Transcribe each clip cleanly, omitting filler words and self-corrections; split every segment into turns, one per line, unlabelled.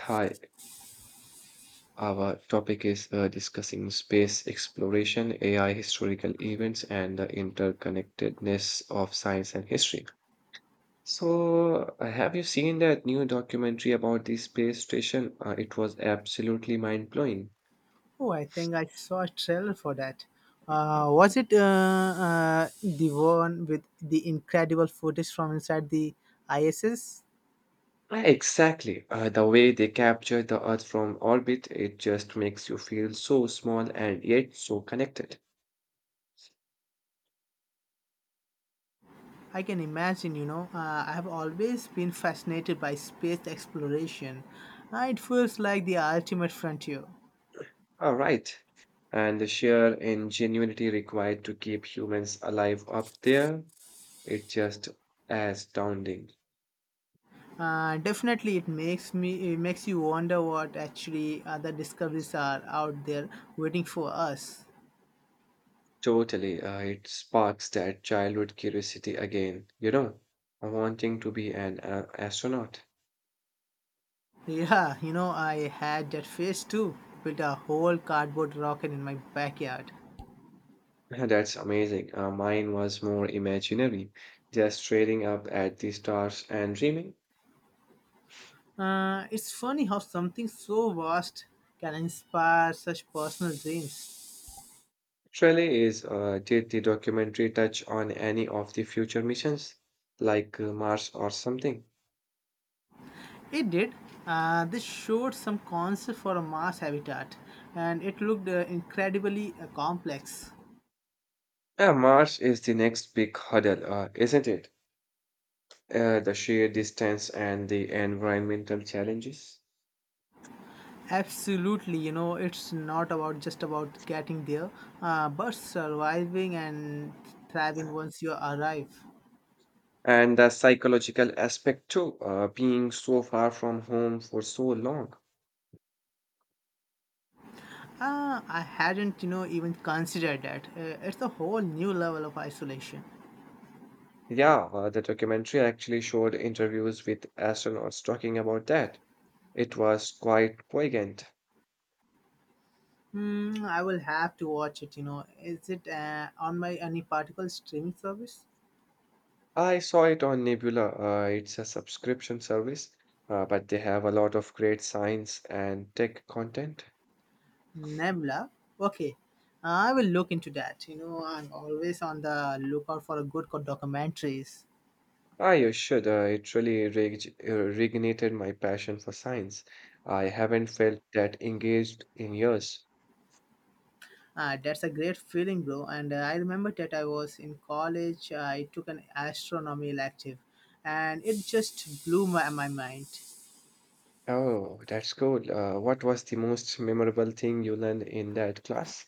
Hi, our topic is discussing space exploration, AI, historical events, and the interconnectedness of science and history. So, have you seen that new documentary about the space station? It was absolutely mind-blowing.
Oh, I think I saw a trailer for that. Was it the one with the incredible footage from inside the ISS?
Exactly. The way they capture the Earth from orbit, it just makes you feel so small and yet so connected.
I can imagine, I have always been fascinated by space exploration. It feels like the ultimate frontier.
All right. And the sheer ingenuity required to keep humans alive up there. It's just astounding.
Definitely, it makes you wonder what actually other discoveries are out there waiting for us.
Totally, it sparks that childhood curiosity again. You know, wanting to be an astronaut.
Yeah, you know, I had that phase too. Built a whole cardboard rocket in my backyard.
That's amazing. Mine was more imaginary, just staring up at the stars and dreaming.
It's funny how something so vast can inspire such personal dreams.
Shelley is, did the documentary touch on any of the future missions, like Mars or something?
It did. This showed some concept for a Mars habitat, and it looked incredibly complex.
Mars is the next big hurdle, isn't it? The sheer distance and the environmental challenges.
Absolutely, you know, it's not about just about getting there, but surviving and thriving once you arrive.
And the psychological aspect too, being so far from home for so long.
Ah, I hadn't, you know, even considered that. It's a whole new level of isolation.
Yeah, the documentary actually showed interviews with astronauts talking about that. It was quite poignant.
I will have to watch it. You know, is it on my any particular streaming service?
I saw it on Nebula. It's a subscription service, but they have a lot of great science and tech content.
Nebula. Okay, I will look into that. You know, I'm always on the lookout for a good documentaries.
Ah, you should. It really reignited my passion for science. I haven't felt that engaged in years.
That's a great feeling, bro. And I remember that I was in college. I took an astronomy elective, and it just blew my mind.
Oh, that's cool. What was the most memorable thing you learned in that class?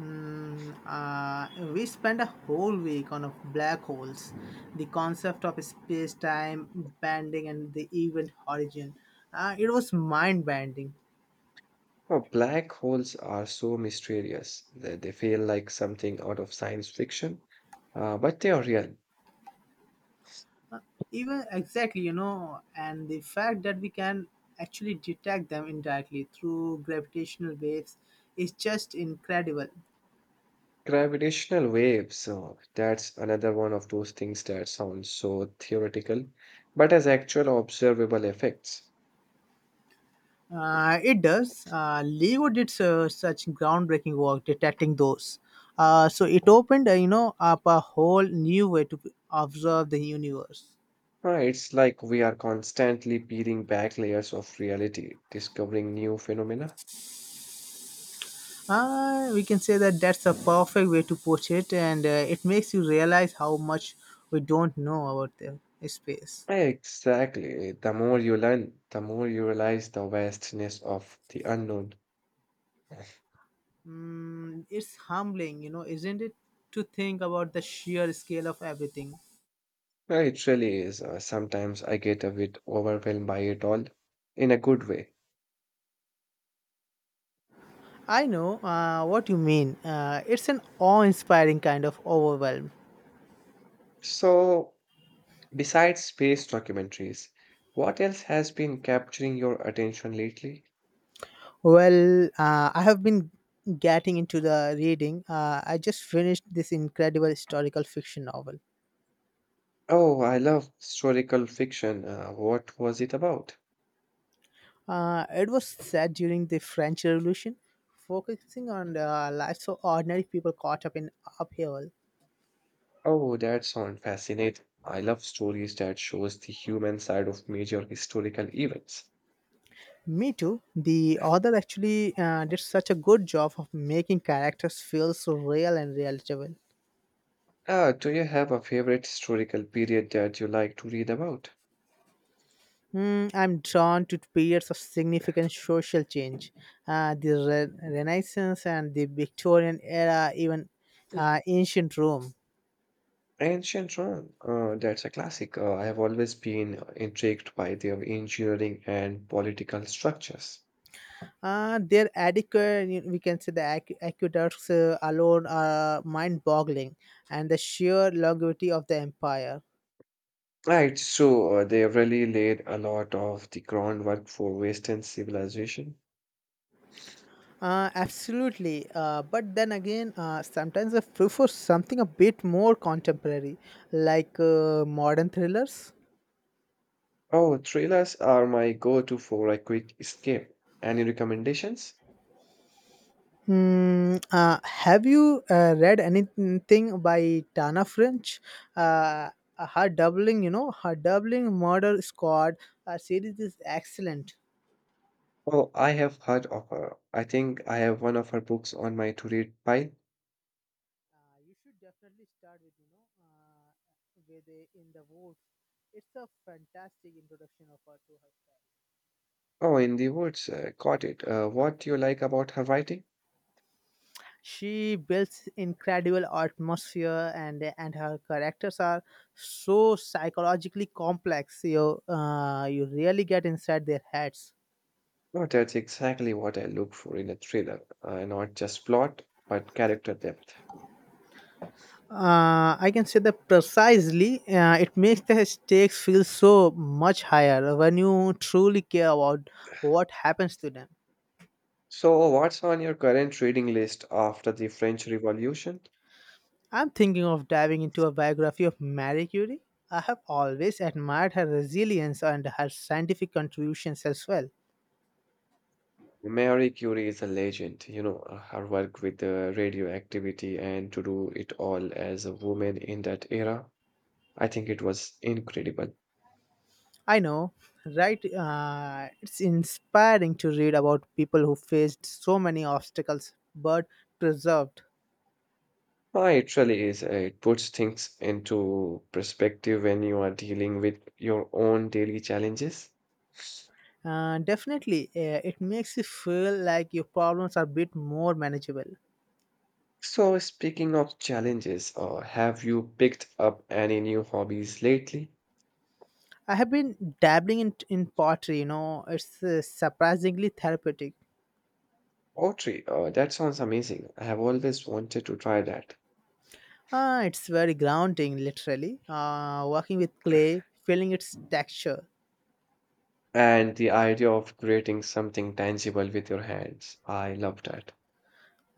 We spent a whole week on a black holes, the concept of space-time bending and the event horizon. It was mind-bending,
Oh, black holes are so mysterious that they feel like something out of science fiction, but they are real.
even exactly, you know, and the fact that we can actually detect them indirectly through gravitational waves is just incredible.
Gravitational waves, oh, that's another one of those things that sounds so theoretical, but has actual observable effects.
It does. Lego did such groundbreaking work detecting those. So it opened, up a whole new way to observe the universe.
It's like we are constantly peeling back layers of reality, discovering new phenomena.
We can say that that's a perfect way to put it, and it makes you realize how much we don't know about the space.
Exactly. The more you learn, the more you realize the vastness of the unknown.
It's humbling, you know, isn't it, to think about the sheer scale of everything.
It really is. Sometimes I get a bit overwhelmed by it all, in a good way.
I know what you mean. It's an awe-inspiring kind of overwhelm.
So, besides space documentaries, what else has been capturing your attention lately?
Well, I have been getting into the reading. I just finished this incredible historical fiction novel.
Oh, I love historical fiction. What was it about?
It was set during the French Revolution, focusing on the lives of ordinary people caught up in upheaval.
Oh, that sounds fascinating. I love stories that shows the human side of major historical events.
Me too. The author actually did such a good job of making characters feel so real and relatable.
Ah, do you have a favorite historical period that you like to read about?
I'm drawn to periods of significant social change. The Renaissance and the Victorian era, even ancient Rome.
Ancient Rome, that's a classic. I have always been intrigued by their engineering and political structures.
We can say the aqueducts alone are mind boggling, and the sheer longevity of the empire.
Right, so they really laid a lot of the groundwork for Western civilization.
Absolutely. But then again, sometimes I prefer something a bit more contemporary, like modern thrillers.
Oh, thrillers are my go-to for a quick escape. Any recommendations?
Hmm. Have you read anything by Tana French? Uh, her doubling, you know, her doubling murder squad series is excellent.
Oh, I have heard of her. I think I have one of her books on my to-read pile.
You should definitely start with, with the, In the Woods. It's a fantastic introduction of her to her.
Oh, in the woods. Got it. What do you like about her writing?
She builds incredible atmosphere, and her characters are so psychologically complex. You really get inside their heads.
No, that's exactly what I look for in a thriller. Not just plot, but character depth.
I can say that precisely. It makes the stakes feel so much higher when you truly care about what happens to them.
So, what's on your current reading list after the French Revolution?
I'm thinking of diving into a biography of Marie Curie. I have always admired her resilience and her scientific contributions as well.
Mary Curie is a legend. You know, her work with the radioactivity and to do it all as a woman in that era. I think it was incredible.
I know, right? It's inspiring to read about people who faced so many obstacles but preserved.
It really is. It puts things into perspective when you are dealing with your own daily challenges.
Definitely, it makes you feel like your problems are a bit more manageable.
So, speaking of challenges, have you picked up any new hobbies lately?
I have been dabbling in pottery, you know, it's surprisingly therapeutic.
Pottery, that sounds amazing. I have always wanted to try that.
It's very grounding, literally. Working with clay, feeling its texture.
And the idea of creating something tangible with your hands, I love that.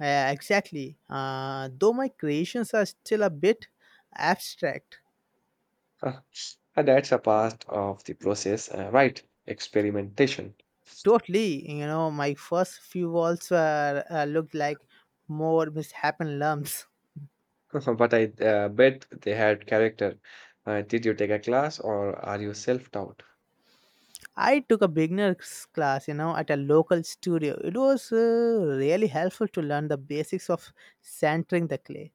Yeah, exactly. Though my creations are still a bit abstract.
Huh. And that's a part of the process, right? Experimentation.
Totally, you know, my first few walls were looked like more mishappen lumps.
But I bet they had character. Did you take a class or are you self-taught?
I took a beginner's class, you know, at a local studio. It was really helpful to learn the basics of centering the clay.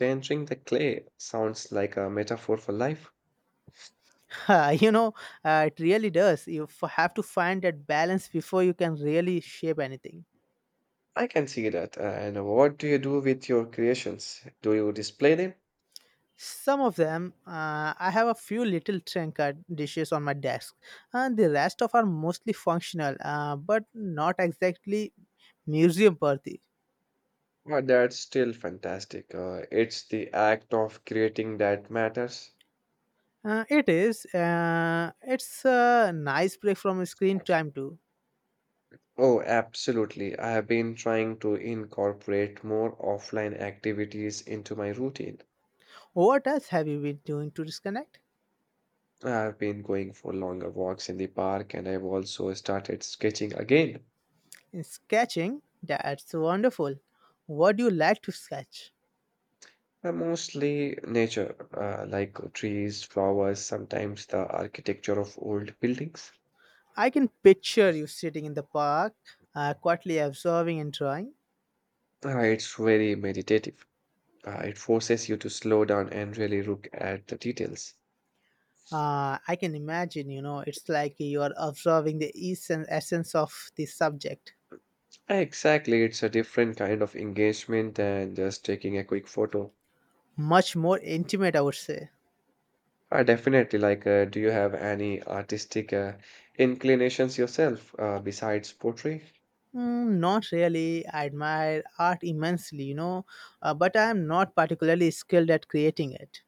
Entering the clay sounds like a metaphor for life.
you know, it really does. You have to find that balance before you can really shape anything.
I can see that. And what do you do with your creations? Do you display them?
Some of them, I have a few little trinket dishes on my desk, and the rest of are mostly functional, but not exactly museum worthy.
Well, that's still fantastic. It's the act of creating that matters.
It is. It's a nice break from screen time too.
Oh, absolutely. I have been trying to incorporate more offline activities into my routine.
What else have you been doing to disconnect?
I've been going for longer walks in the park and I've also started sketching again.
In sketching? That's wonderful. What do you like to sketch?
Mostly nature, like trees, flowers, sometimes the architecture of old buildings.
I can picture you sitting in the park, quietly observing and drawing.
It's very meditative. It forces you to slow down and really look at the details.
I can imagine, you know, it's like you are observing the essence of the subject.
Exactly, it's a different kind of engagement than just taking a quick photo.
Much more intimate, I would say.
Definitely, like, do you have any artistic inclinations yourself besides pottery?
Not really. I admire art immensely, you know, but I am not particularly skilled at creating it.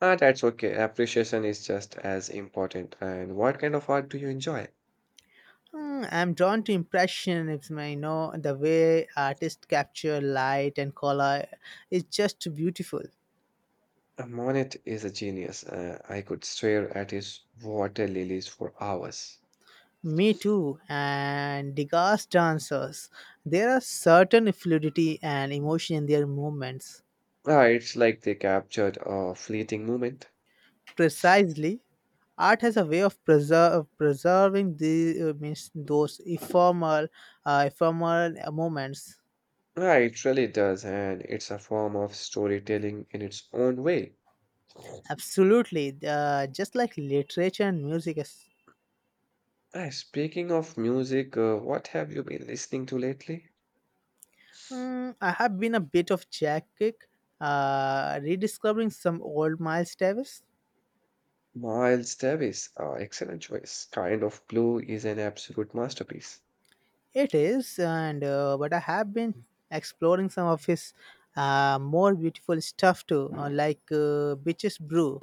Ah, that's okay. Appreciation is just as important. And what kind of art do you enjoy?
I'm drawn to impressionism. I know the way artists capture light and color is just beautiful.
Monet is a genius. I could stare at his water lilies for hours.
Me too, and Degas dancers. There are certain fluidity and emotion in their movements.
Ah, it's like they captured a fleeting moment.
Precisely, art has a way of preserving the ephemeral moments.
Ah, it really does, and it's a form of storytelling in its own way.
Absolutely, just like literature and music. Is
Ah, speaking of music, what have you been listening to lately?
I have been a bit of jack kick, rediscovering some old Miles Davis.
Miles Davis, ah, excellent choice. Kind of Blue is an absolute masterpiece.
It is, and but I have been exploring some of his more beautiful stuff too, like Bitches Brew.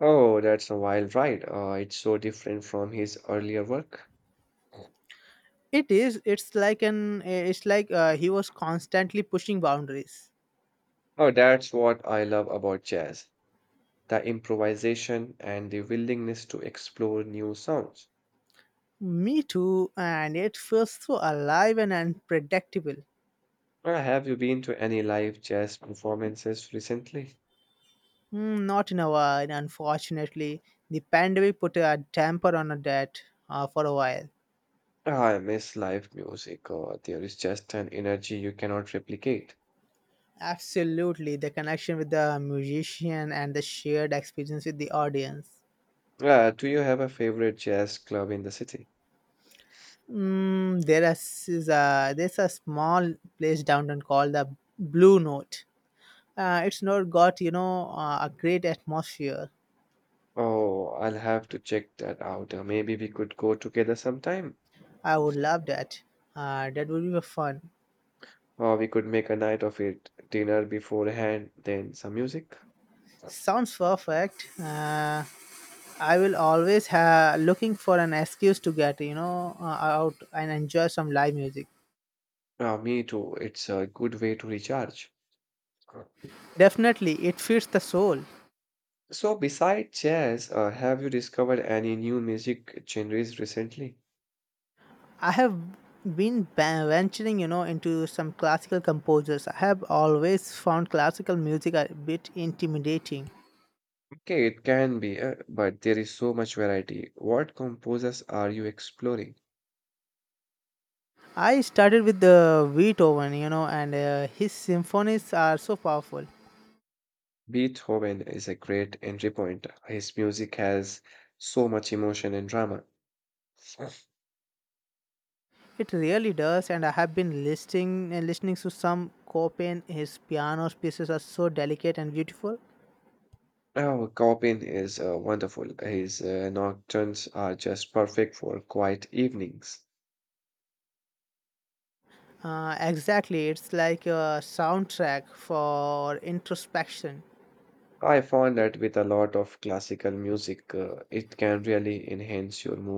Oh, that's a wild ride. It's so different from his earlier work.
It is. It's like an. It's like he was constantly pushing boundaries.
Oh, that's what I love about jazz, the improvisation and the willingness to explore new sounds.
Me too, and it feels so alive and unpredictable.
Have you been to any live jazz performances recently?
Not in a while, unfortunately. The pandemic put a damper on that for a while.
Ah, I miss live music. There is just an energy you cannot replicate.
Absolutely, the connection with the musician and the shared experience with the audience.
Do you have a favorite jazz club in the city?
There's a small place downtown called the Blue Note. It's not got a great atmosphere.
Oh, I'll have to check that out. Maybe we could go together sometime.
I would love that. That would be fun.
Or we could make a night of it, dinner beforehand, then some music.
Sounds perfect. I will always have looking for an excuse to get out and enjoy some live music.
Me too. It's a good way to recharge.
Definitely, it feeds the soul.
So, besides jazz, have you discovered any new music genres recently?
I have been venturing, you know, into some classical composers. I have always found classical music a bit intimidating.
Okay, it can be, but there is so much variety. What composers are you exploring?
I started with the Beethoven, you know, and his symphonies are so powerful.
Beethoven is a great entry point. His music has so much emotion and drama.
It really does, and I have been listening to some Chopin. His piano pieces are so delicate and beautiful.
Oh, Chopin is wonderful. His nocturnes are just perfect for quiet evenings.
Exactly, it's like a soundtrack for introspection.
I found that with a lot of classical music, it can really enhance your mood.